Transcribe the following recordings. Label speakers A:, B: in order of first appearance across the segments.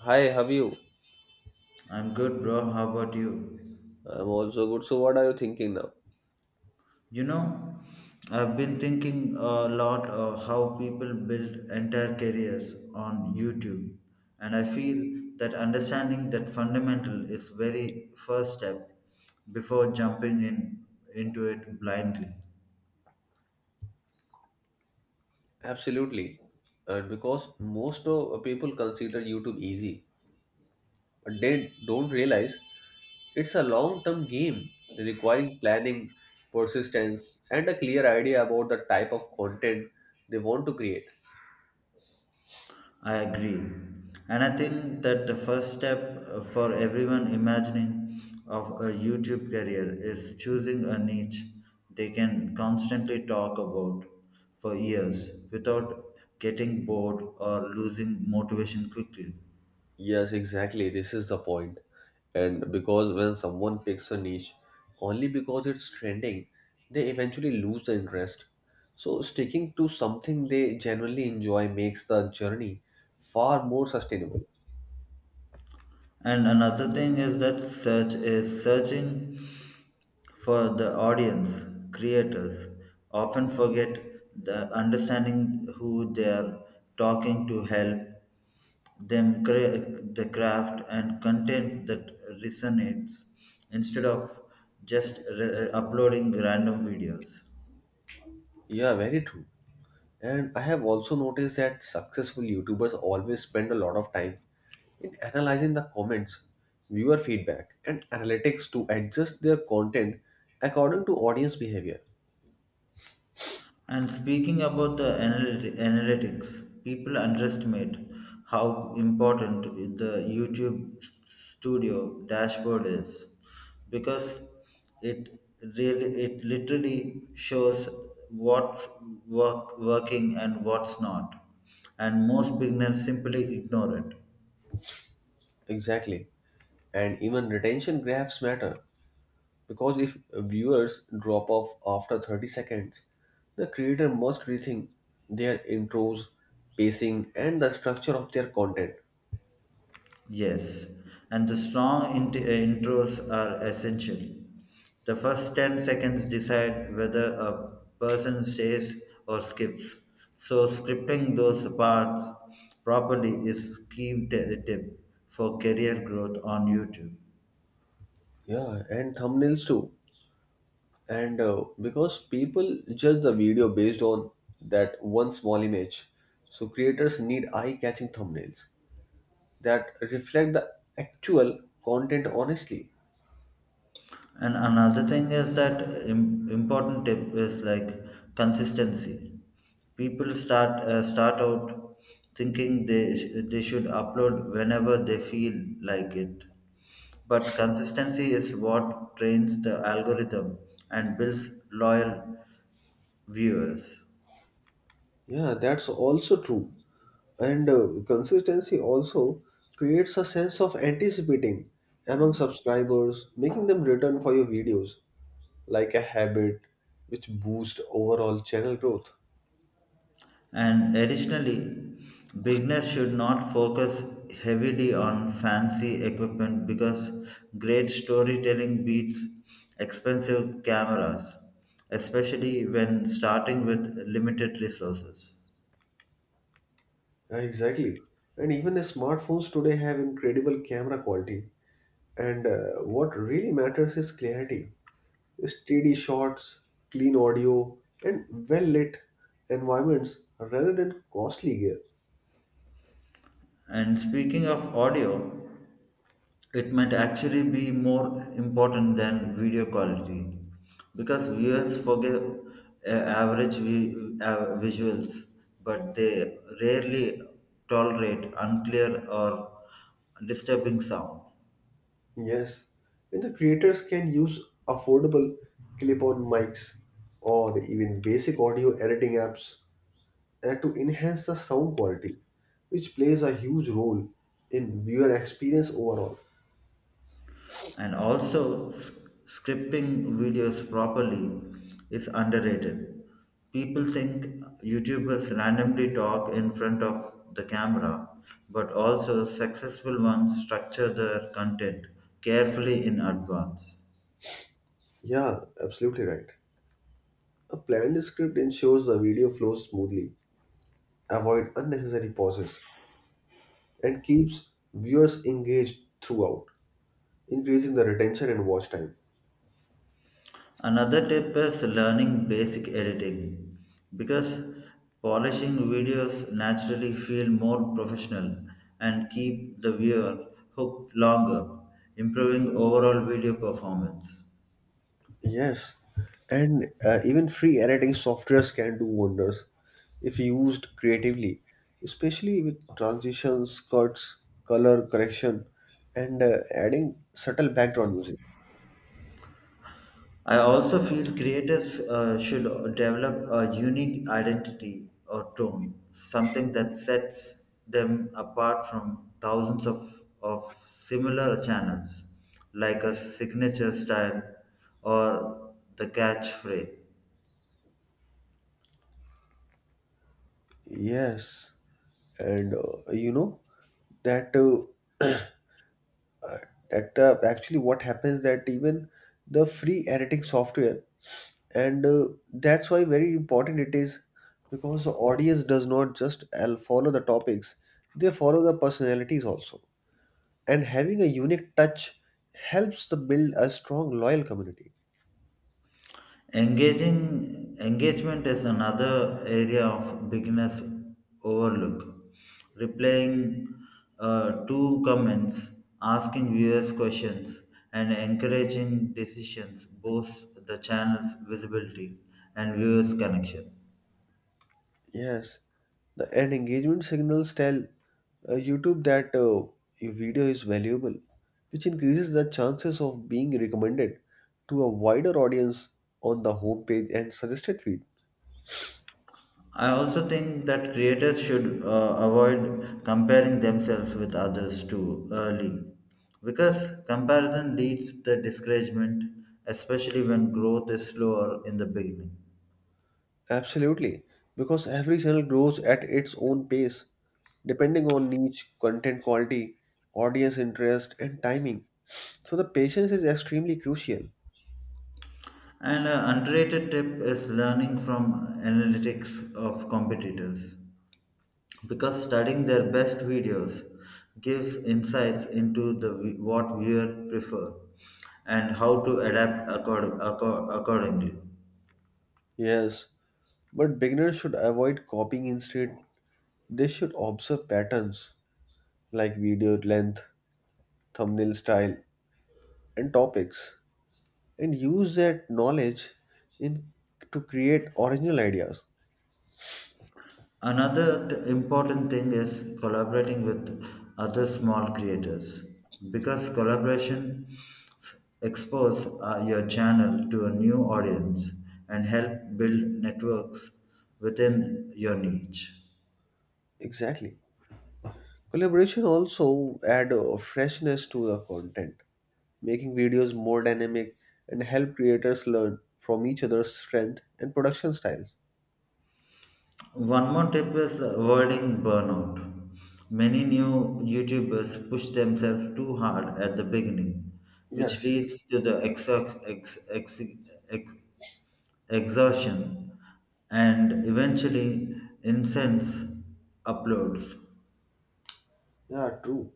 A: Hi, how are you?
B: I'm good, bro. How about you?
A: I'm also good. So, what are you thinking now?
B: You know, I've been thinking a lot of how people build entire careers on YouTube, and I feel that understanding that fundamental is very first step before jumping in into it blindly.
A: Absolutely. And because most of people consider YouTube easy, but they don't realize it's a long term game requiring planning, persistence, and a clear idea about the type of content they want to create.
B: I agree. And I think that the first step for everyone imagining of a YouTube career is choosing a niche they can constantly talk about for years without getting bored or losing motivation quickly.
A: Yes, exactly. This is the point. And because when someone picks a niche, only because it's trending, they eventually lose the interest. So, sticking to something they genuinely enjoy makes the journey far more sustainable.
B: And another thing is that search is searching for the audience, creators often forget the understanding who they are talking to help them create the craft and content that resonates instead of just uploading random videos.
A: Yeah, very true. And I have also noticed that successful YouTubers always spend a lot of time in analyzing the comments, viewer feedback, and analytics to adjust their content according to audience behavior.
B: And speaking about the analytics, people underestimate how important the YouTube Studio dashboard is because it it literally shows what working and what's not, and most beginners simply ignore it.
A: Exactly. And even retention graphs matter because if viewers drop off after 30 seconds, the creator must rethink their intros, pacing, and the structure of their content.
B: Yes, and the strong intros are essential. The first 10 seconds decide whether a person stays or skips. So, scripting those parts properly is tip for career growth on YouTube.
A: Yeah, and thumbnails too. And Because people judge the video based on that one small image, so creators need eye catching thumbnails that reflect the actual content honestly.
B: And another thing is that important tip is like consistency. People start out thinking they should upload whenever they feel like it, but consistency is what trains the algorithm and builds loyal viewers.
A: Yeah, that's also true. And Consistency also creates a sense of anticipating among subscribers, making them return for your videos like a habit which boosts overall channel growth.
B: And additionally, beginners should not focus heavily on fancy equipment because great storytelling beats expensive cameras, especially when starting with limited resources.
A: Yeah, exactly. And even the smartphones today have incredible camera quality. And What really matters is clarity, steady shots, clean audio, and well lit environments rather than costly gear.
B: And speaking of audio, it might actually be more important than video quality because viewers forget average visuals, but they rarely tolerate unclear or disturbing sound.
A: Yes, and the creators can use affordable clip on mics or even basic audio editing apps to enhance the sound quality, which plays a huge role in viewer experience overall.
B: And also scripting videos properly is underrated. People think YouTubers randomly talk in front of the camera, but also successful ones structure their content carefully in advance.
A: Yeah, absolutely right. A planned script ensures the video flows smoothly, avoid unnecessary pauses, and keeps viewers engaged throughout, increasing the retention and watch time.
B: Another tip is learning basic editing because polishing videos naturally feel more professional and keep the viewer hooked longer, improving overall video performance.
A: Yes, and even free editing softwares can do wonders if used creatively, especially with transitions, cuts, color correction, and adding subtle background music.
B: I also feel creators should develop a unique identity or tone, something that sets them apart from thousands of similar channels, like a signature style or the catchphrase.
A: Yes, and you know that. Actually what happens that even the free editing software and that's why very important it is, because the audience does not just follow the topics, they follow the personalities also, and having a unique touch helps to build a strong loyal community.
B: Engaging engagement is another area of beginners overlook. Replying to comments, asking viewers questions, and encouraging decisions boosts the channel's visibility and viewers' connection.
A: Yes, the and engagement signals tell YouTube that your video is valuable, which increases the chances of being recommended to a wider audience on the homepage and suggested feed.
B: I also think that creators should avoid comparing themselves with others too early because comparison leads to discouragement, especially when growth is slower in the beginning.
A: Absolutely, because every channel grows at its own pace, depending on niche, content quality, audience interest, and timing. So the patience is extremely crucial.
B: And an underrated tip is learning from analytics of competitors because studying their best videos gives insights into the what viewer prefer and how to adapt accordingly.
A: Yes, but beginners should avoid copying instead. They should observe patterns like video length, thumbnail style, and topics, and use that knowledge in to create original ideas.
B: Another important thing is collaborating with other small creators because collaboration expose your channel to a new audience and help build networks within your niche.
A: Exactly. Collaboration also add a freshness to the content, making videos more dynamic and help creators learn from each other's strength and production styles.
B: One more tip is avoiding burnout. Many new YouTubers push themselves too hard at the beginning, which
A: Yes.
B: leads to the ex, exhaustion and eventually incense uploads.
A: Yeah, true.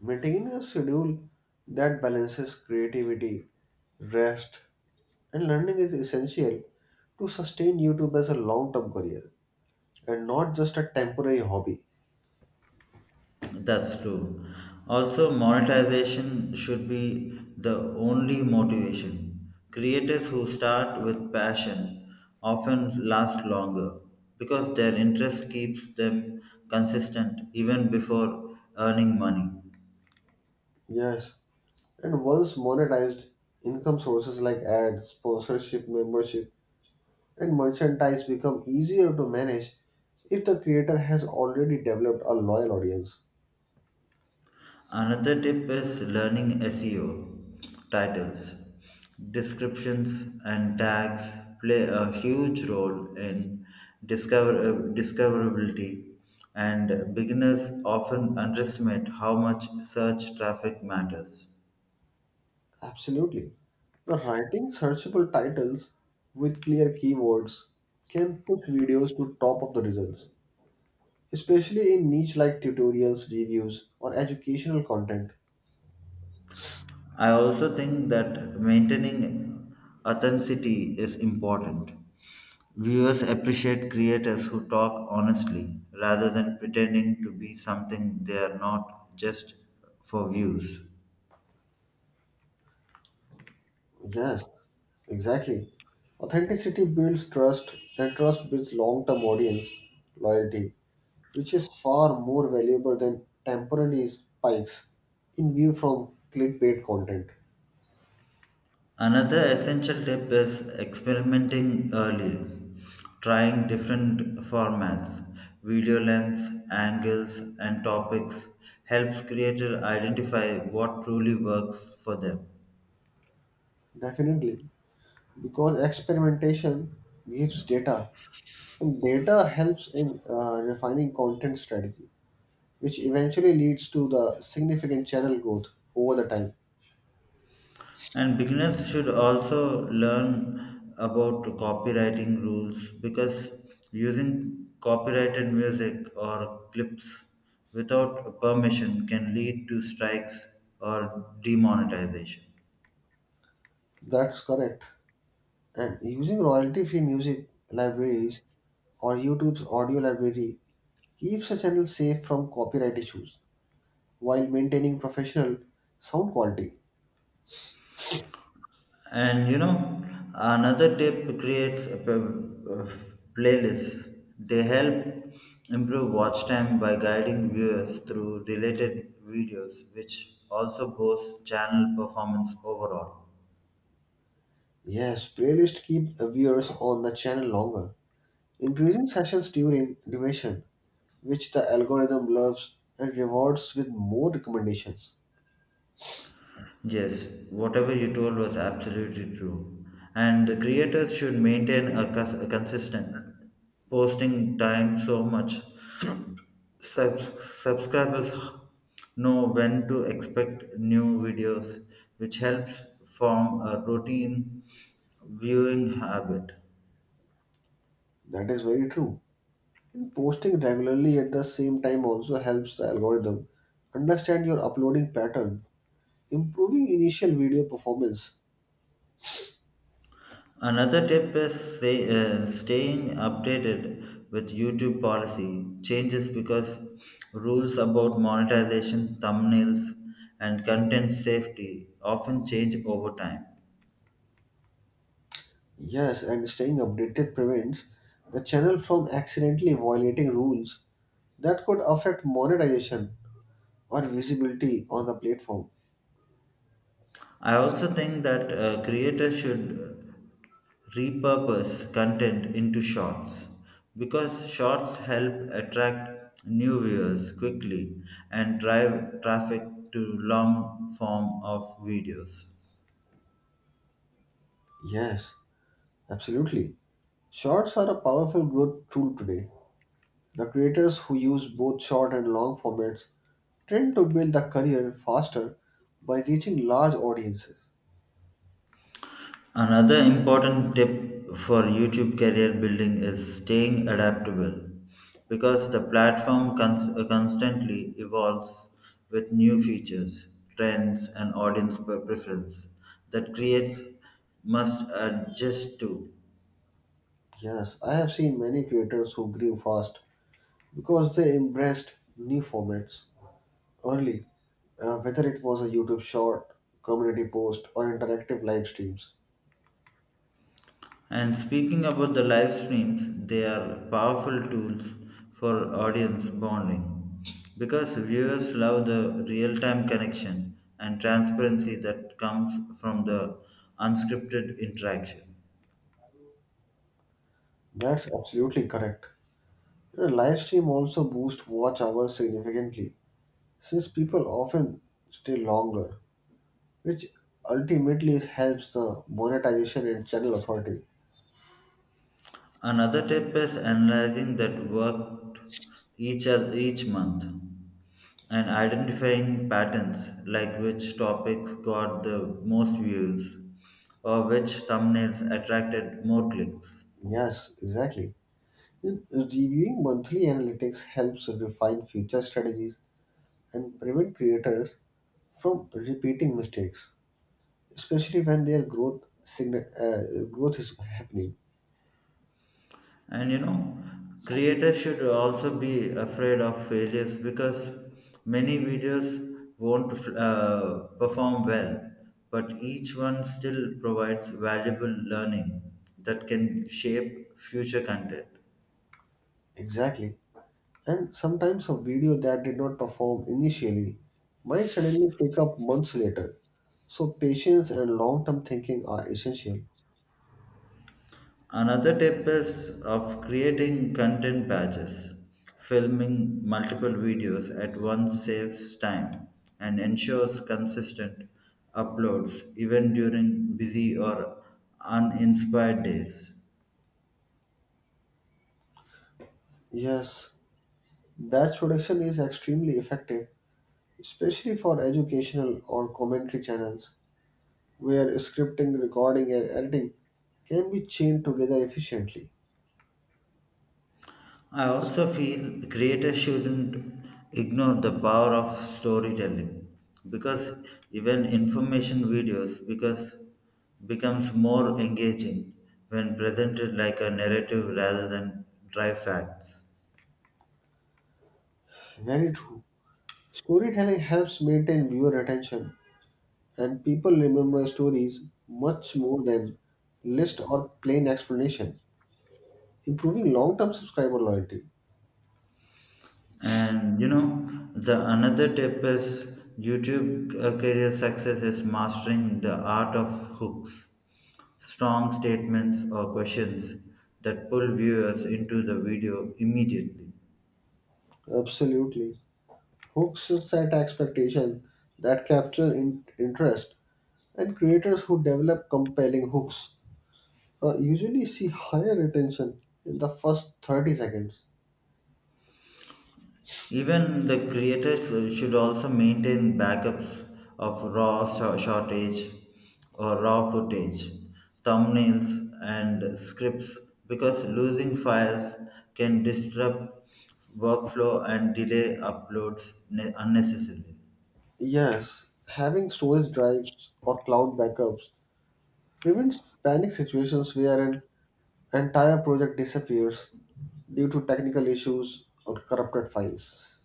A: Maintaining a schedule that balances creativity, rest, and learning is essential to sustain YouTube as a long term career and not just a temporary hobby.
B: That's true. Also, monetization should be the only motivation. Creators who start with passion often last longer because their interest keeps them consistent even before earning money.
A: Yes. And once monetized, income sources like ads, sponsorship, membership, and merchandise become easier to manage if the creator has already developed a loyal audience.
B: Another tip is learning SEO. Titles, descriptions, and tags play a huge role in discoverability, and beginners often underestimate how much search traffic matters.
A: Absolutely. The writing searchable titles with clear keywords can push videos to top of the results, especially in niche like tutorials, reviews, or educational content.
B: I also think that maintaining authenticity is important. Viewers appreciate creators who talk honestly rather than pretending to be something they are not just for views.
A: Yes, exactly. Authenticity builds trust, and trust builds long term audience loyalty, which is far more valuable than temporary spikes in view from clickbait content.
B: Another essential tip is experimenting early, trying different formats, video lengths, angles, and topics helps creators identify what truly works for them.
A: Definitely, because experimentation gives data, and data helps in refining content strategy, which eventually leads to the significant channel growth over the time.
B: And beginners should also learn about copywriting rules because using copyrighted music or clips without permission can lead to strikes or demonetization.
A: That's correct. And using royalty-free music libraries or YouTube's audio library keeps a channel safe from copyright issues while maintaining professional sound quality.
B: And you know, another tip creates a playlists. They help improve watch time by guiding viewers through related videos, which also boosts channel performance overall.
A: Yes, playlists keep viewers on the channel longer, increasing sessions during duration, which the algorithm loves and rewards with more recommendations.
B: Yes, whatever you told was absolutely true. And the creators should maintain a consistent posting time so much. Subscribers know when to expect new videos, which helps form a routine viewing habit.
A: That is very true. And posting regularly at the same time also helps the algorithm understand your uploading pattern, improving initial video performance.
B: Another tip is staying updated with YouTube policy changes because rules about monetization, thumbnails, and content safety often change over time.
A: Yes, and staying updated prevents the channel from accidentally violating rules that could affect monetization or visibility on the platform.
B: I also think that creators should repurpose content into shorts because shorts help attract new viewers quickly and drive traffic to long form of videos.
A: Yes, absolutely. Shorts are a powerful growth tool today. The creators who use both short and long formats tend to build a career faster by reaching large audiences.
B: Another important tip for YouTube career building is staying adaptable because the platform constantly evolves with new features, trends, and audience preference that creates must adjust to.
A: Yes, I have seen many creators who grew fast because they embraced new formats early, whether it was a YouTube short, community post, or interactive live streams.
B: And speaking about the live streams, they are powerful tools for audience bonding because viewers love the real time connection and transparency that comes from the unscripted interaction.
A: That's absolutely correct. The live stream also boosts watch hours significantly, since people often stay longer, which ultimately helps the monetization and channel authority.
B: Another tip is analyzing that worked each month and identifying patterns like which topics got the most views or which thumbnails attracted more clicks.
A: Yes, exactly. Reviewing monthly analytics helps refine future strategies and prevent creators from repeating mistakes, especially when their growth is happening.
B: And you know, creators should also be afraid of failures because many videos won't perform well, but each one still provides valuable learning that can shape future content.
A: Exactly, and sometimes a video that did not perform initially might suddenly pick up months later, so patience and long-term thinking are essential.
B: Another tip is of creating content batches. Filming multiple videos at once saves time and ensures consistent uploads even during busy or uninspired days.
A: Yes, batch production is extremely effective, especially for educational or commentary channels where scripting, recording and editing can be chained together efficiently.
B: I also feel creators shouldn't ignore the power of storytelling because even information videos because becomes more engaging when presented like a narrative rather than dry facts.
A: Very true. Storytelling helps maintain viewer attention, and people remember stories much more than list or plain explanation, improving long-term subscriber loyalty.
B: And you know, the another tip is YouTube career success is mastering the art of hooks, strong statements or questions that pull viewers into the video immediately.
A: Absolutely. Hooks set expectation that capture interest, and creators who develop compelling hooks usually see higher retention in the first 30 seconds.
B: Even the creators should also maintain backups of shortage or raw footage, thumbnails, and scripts because losing files can disrupt workflow and delay uploads unnecessarily.
A: Yes, having storage drives or cloud backups prevents panic situations where an entire project disappears due to technical issues or corrupted files.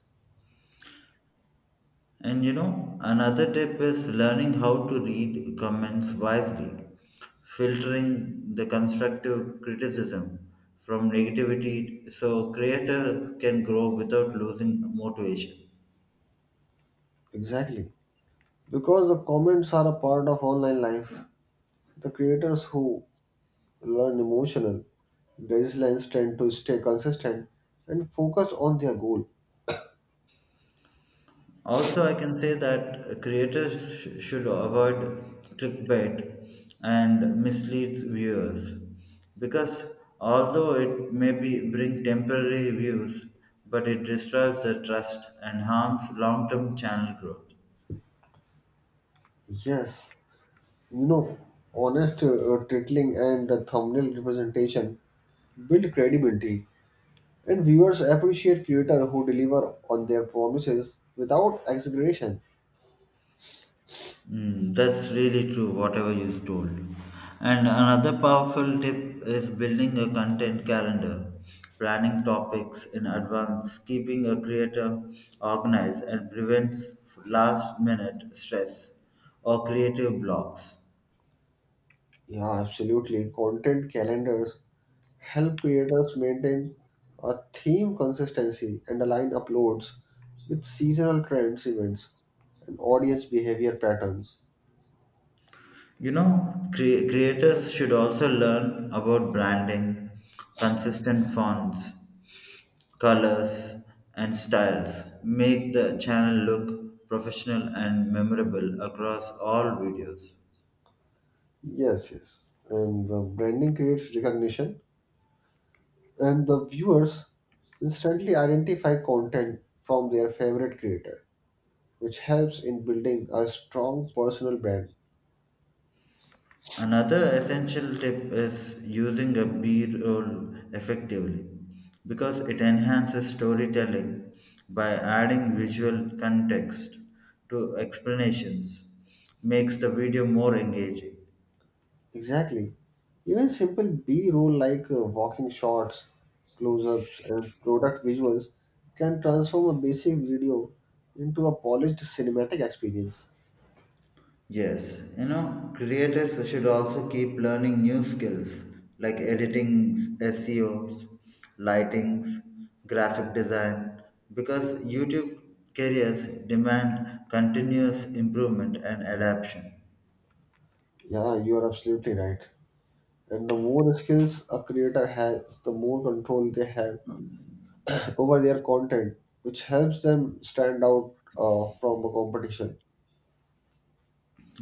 B: And you know, another tip is learning how to read comments wisely, filtering the constructive criticism from negativity so creator can grow without losing motivation.
A: Exactly. Because the comments are a part of online life, the creators who learn emotional resilience tend to stay consistent and focused on their goal.
B: Also, I can say that creators should avoid clickbait and misleads viewers because although it may be bring temporary views, but it destroys the trust and harms long-term channel growth.
A: Yes, you know, honest titling and the thumbnail representation build credibility, and viewers appreciate creators who deliver on their promises without exaggeration.
B: Mm, that's really true, whatever you told. And another powerful tip is building a content calendar, planning topics in advance, keeping a creator organized, and prevents last minute stress or creative blocks.
A: Yeah, absolutely. Content calendars help creators maintain a theme consistency and align uploads with seasonal trends, events, and audience behavior patterns.
B: You know, creators should also learn about branding, consistent fonts, colors, and styles. Make the channel look professional and memorable across all videos.
A: Yes, yes. And the branding creates recognition, and the viewers instantly identify content from their favorite creator, which helps in building a strong personal brand.
B: Another essential tip is using a B roll effectively because it enhances storytelling by adding visual context to explanations, makes the video more engaging.
A: Exactly. Even simple B roll like walking shots, close ups, and product visuals can transform a basic video into a polished cinematic experience.
B: Yes, you know, creators should also keep learning new skills like editing, SEOs, lightings, graphic design, because YouTube careers demand continuous improvement and adaptation.
A: Yeah, you are absolutely right. And the more skills a creator has, the more control they have over their content, which helps them stand out from a competition.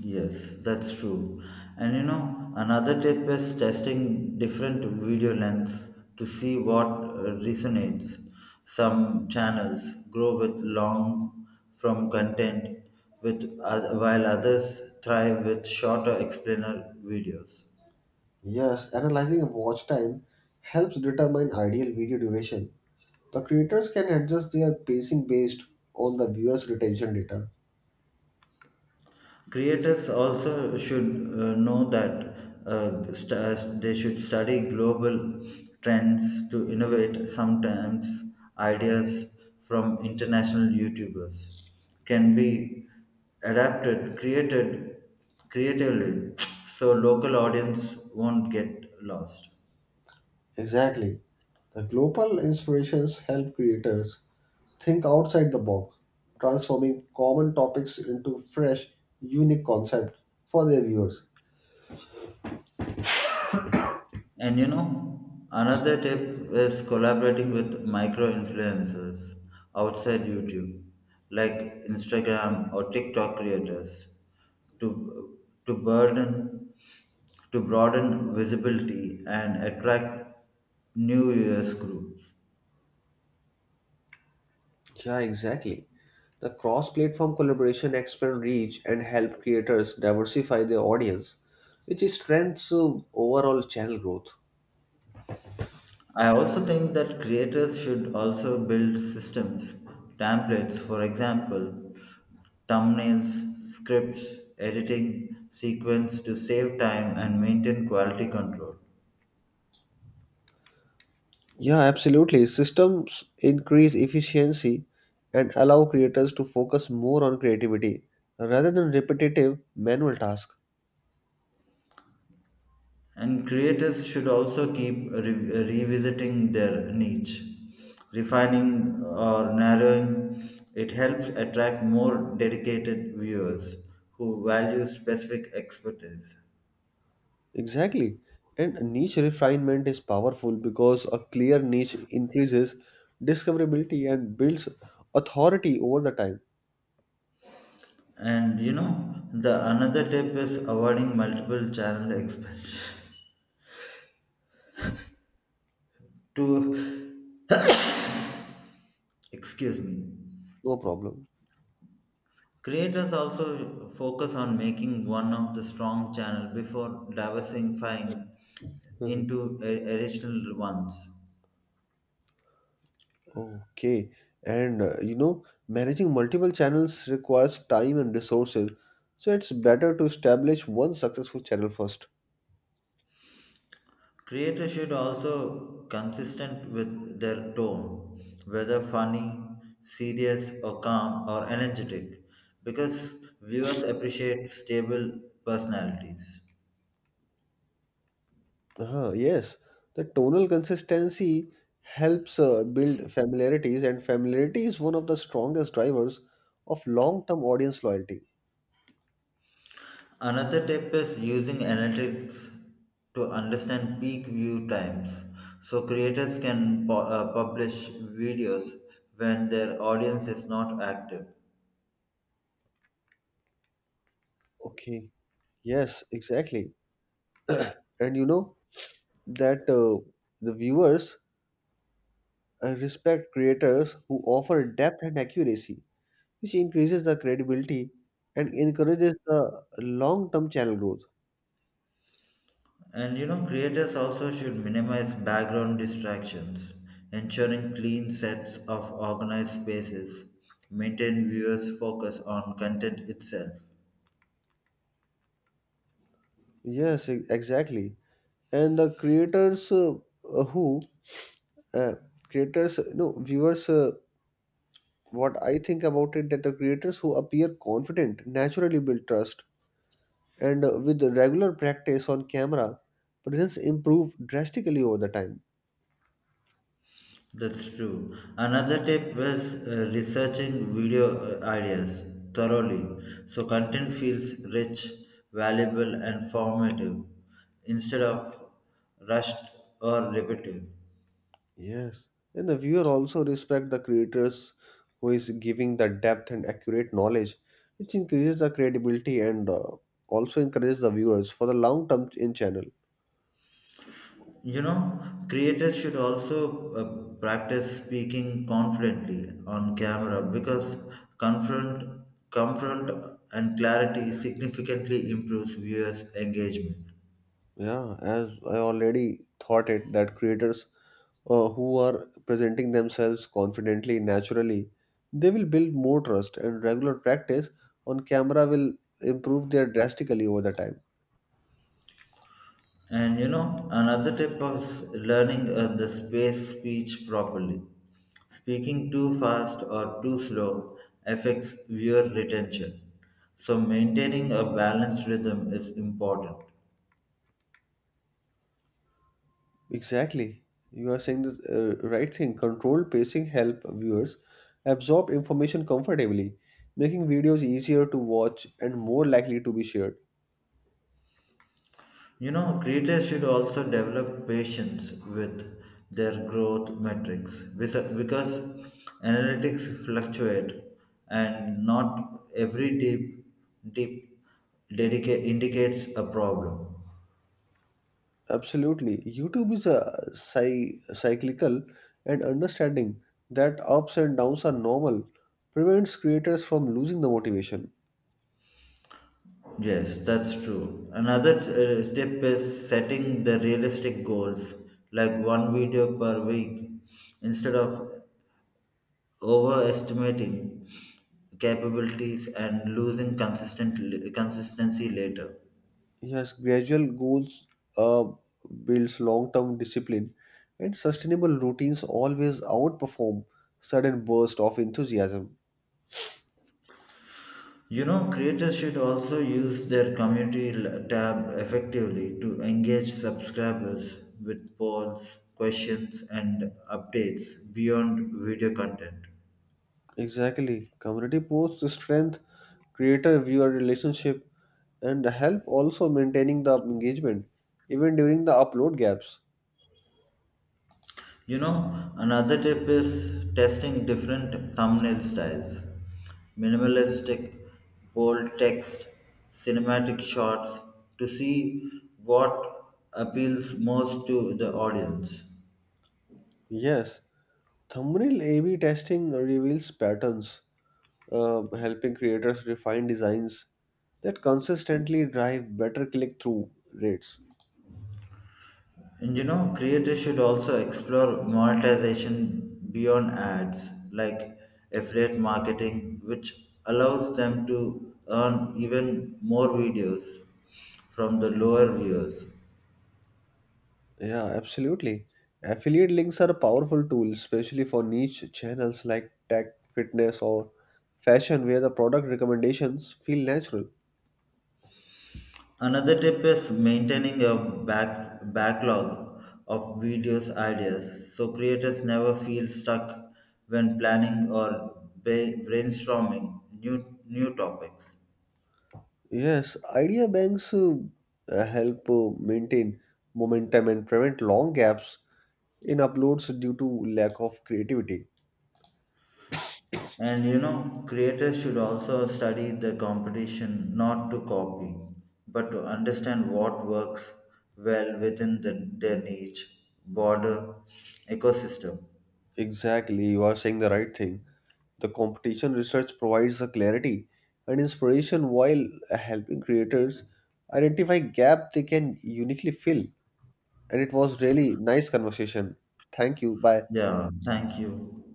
B: Yes, that's true. And you know, another tip is testing different video lengths to see what resonates. Some channels grow with long from content with while others thrive with shorter explainer videos.
A: Yes, analyzing watch time helps determine ideal video duration. The creators can adjust their pacing based on the viewer's retention data.
B: Creators also should know that they should study global trends to innovate. Sometimes ideas from international YouTubers can be adapted, created creatively, so local audience won't get lost.
A: Exactly. The global inspirations help creators think outside the box, transforming common topics into fresh, unique concepts for their viewers.
B: And you know, another tip is collaborating with micro influencers outside YouTube, like Instagram or TikTok creators, to to burden to broaden visibility and attract new US groups.
A: Yeah, exactly. The cross platform collaboration expand reach and help creators diversify their audience, which strengthens overall channel growth.
B: I also think that creators should also build systems, templates, for example, thumbnails, scripts, editing, sequence to save time and maintain quality control.
A: Yeah, absolutely. Systems increase efficiency and allow creators to focus more on creativity rather than repetitive manual tasks.
B: And creators should also keep revisiting their niche, refining or narrowing. It helps attract more dedicated viewers who value specific expertise.
A: Exactly. And niche refinement is powerful because a clear niche increases discoverability and builds authority over the time.
B: And you know, the another tip is avoiding multiple channel expansion. To, excuse me.
A: No problem.
B: Creators also focus on making one of the strong channel before diversifying
A: Mhm.
B: into additional ones.
A: Okay. And you know, managing multiple channels requires time and resources. So it's better to establish one successful channel first.
B: Creators should also consistent with their tone, whether funny, serious or calm or energetic, because viewers appreciate stable personalities.
A: Uh, yes, the tonal consistency helps build familiarities, and familiarity is one of the strongest drivers of long-term audience loyalty.
B: Another tip is using analytics to understand peak view times. So creators can publish videos when their audience is not active.
A: Okay, yes, exactly. And you know that the viewers respect creators who offer depth and accuracy, which increases the credibility and encourages the long-term channel growth.
B: And you know, creators also should minimize background distractions, ensuring clean sets of organized spaces, maintain viewers' focus on content itself.
A: Yes, exactly. And the creators who uh, creators no viewers what I think about it, that the creators who appear confident naturally build trust, and with the regular practice on camera presence improve drastically over the time.
B: That's true. Another tip is researching video ideas thoroughly so content feels rich, valuable, and formative instead of rushed or repetitive.
A: Yes, and the viewer also respect the creators who is giving the depth and accurate knowledge, which increases the credibility, and also encourages the viewers for the long term in channel.
B: You know, creators should also practice speaking confidently on camera because confront, comfort and clarity significantly improves viewers' engagement.
A: Yeah, as I already thought it, that creators who are presenting themselves confidently, naturally, they will build more trust, and regular practice on camera will improve their drastically over the time.
B: And you know, another tip of learning is the space speech properly. Speaking too fast or too slow affects viewer retention. So maintaining a balanced rhythm is important.
A: Exactly. You are saying this right thing. Controlled pacing help viewers absorb information comfortably, making videos easier to watch and more likely to be shared.
B: You know, creators should also develop patience with their growth metrics because analytics fluctuate and not every deep indicates a problem.
A: Absolutely. YouTube is a cyclical, and understanding that ups and downs are normal prevents creators from losing the motivation.
B: Yes, that's true. Another step is setting the realistic goals, like one video per week, instead of overestimating capabilities and losing consistent consistency later.
A: Yes, gradual goals uh, builds long-term discipline, and sustainable routines always outperform sudden burst of enthusiasm.
B: You know, creators should also use their community tab effectively to engage subscribers with polls, questions, and updates beyond video content.
A: Exactly. Community posts strength creator-viewer relationship and help also maintaining the engagement even during the upload gaps.
B: You know, another tip is testing different thumbnail styles minimalistic, bold text, cinematic shots to see what appeals most to the audience.
A: Yes, thumbnail A/B testing reveals patterns, helping creators refine designs that consistently drive better click-through rates.
B: And you know, creators should also explore monetization beyond ads, like affiliate marketing, which allows them to earn even more videos from the lower viewers.
A: Yeah, absolutely. Affiliate links are a powerful tool, especially for niche channels like tech, fitness, or fashion, where the product recommendations feel natural.
B: Another tip is maintaining a backlog of videos ideas so creators never feel stuck when planning or brainstorming new topics.
A: Yes, idea banks help maintain momentum and prevent long gaps in uploads due to lack of creativity.
B: And you know, creators should also study the competition not to copy, but to understand what works well within their niche, border, ecosystem.
A: Exactly, you are saying the right thing. The competition research provides a clarity and inspiration while helping creators identify gap they can uniquely fill. And it was really nice conversation. Thank you. Bye.
B: Yeah, thank you.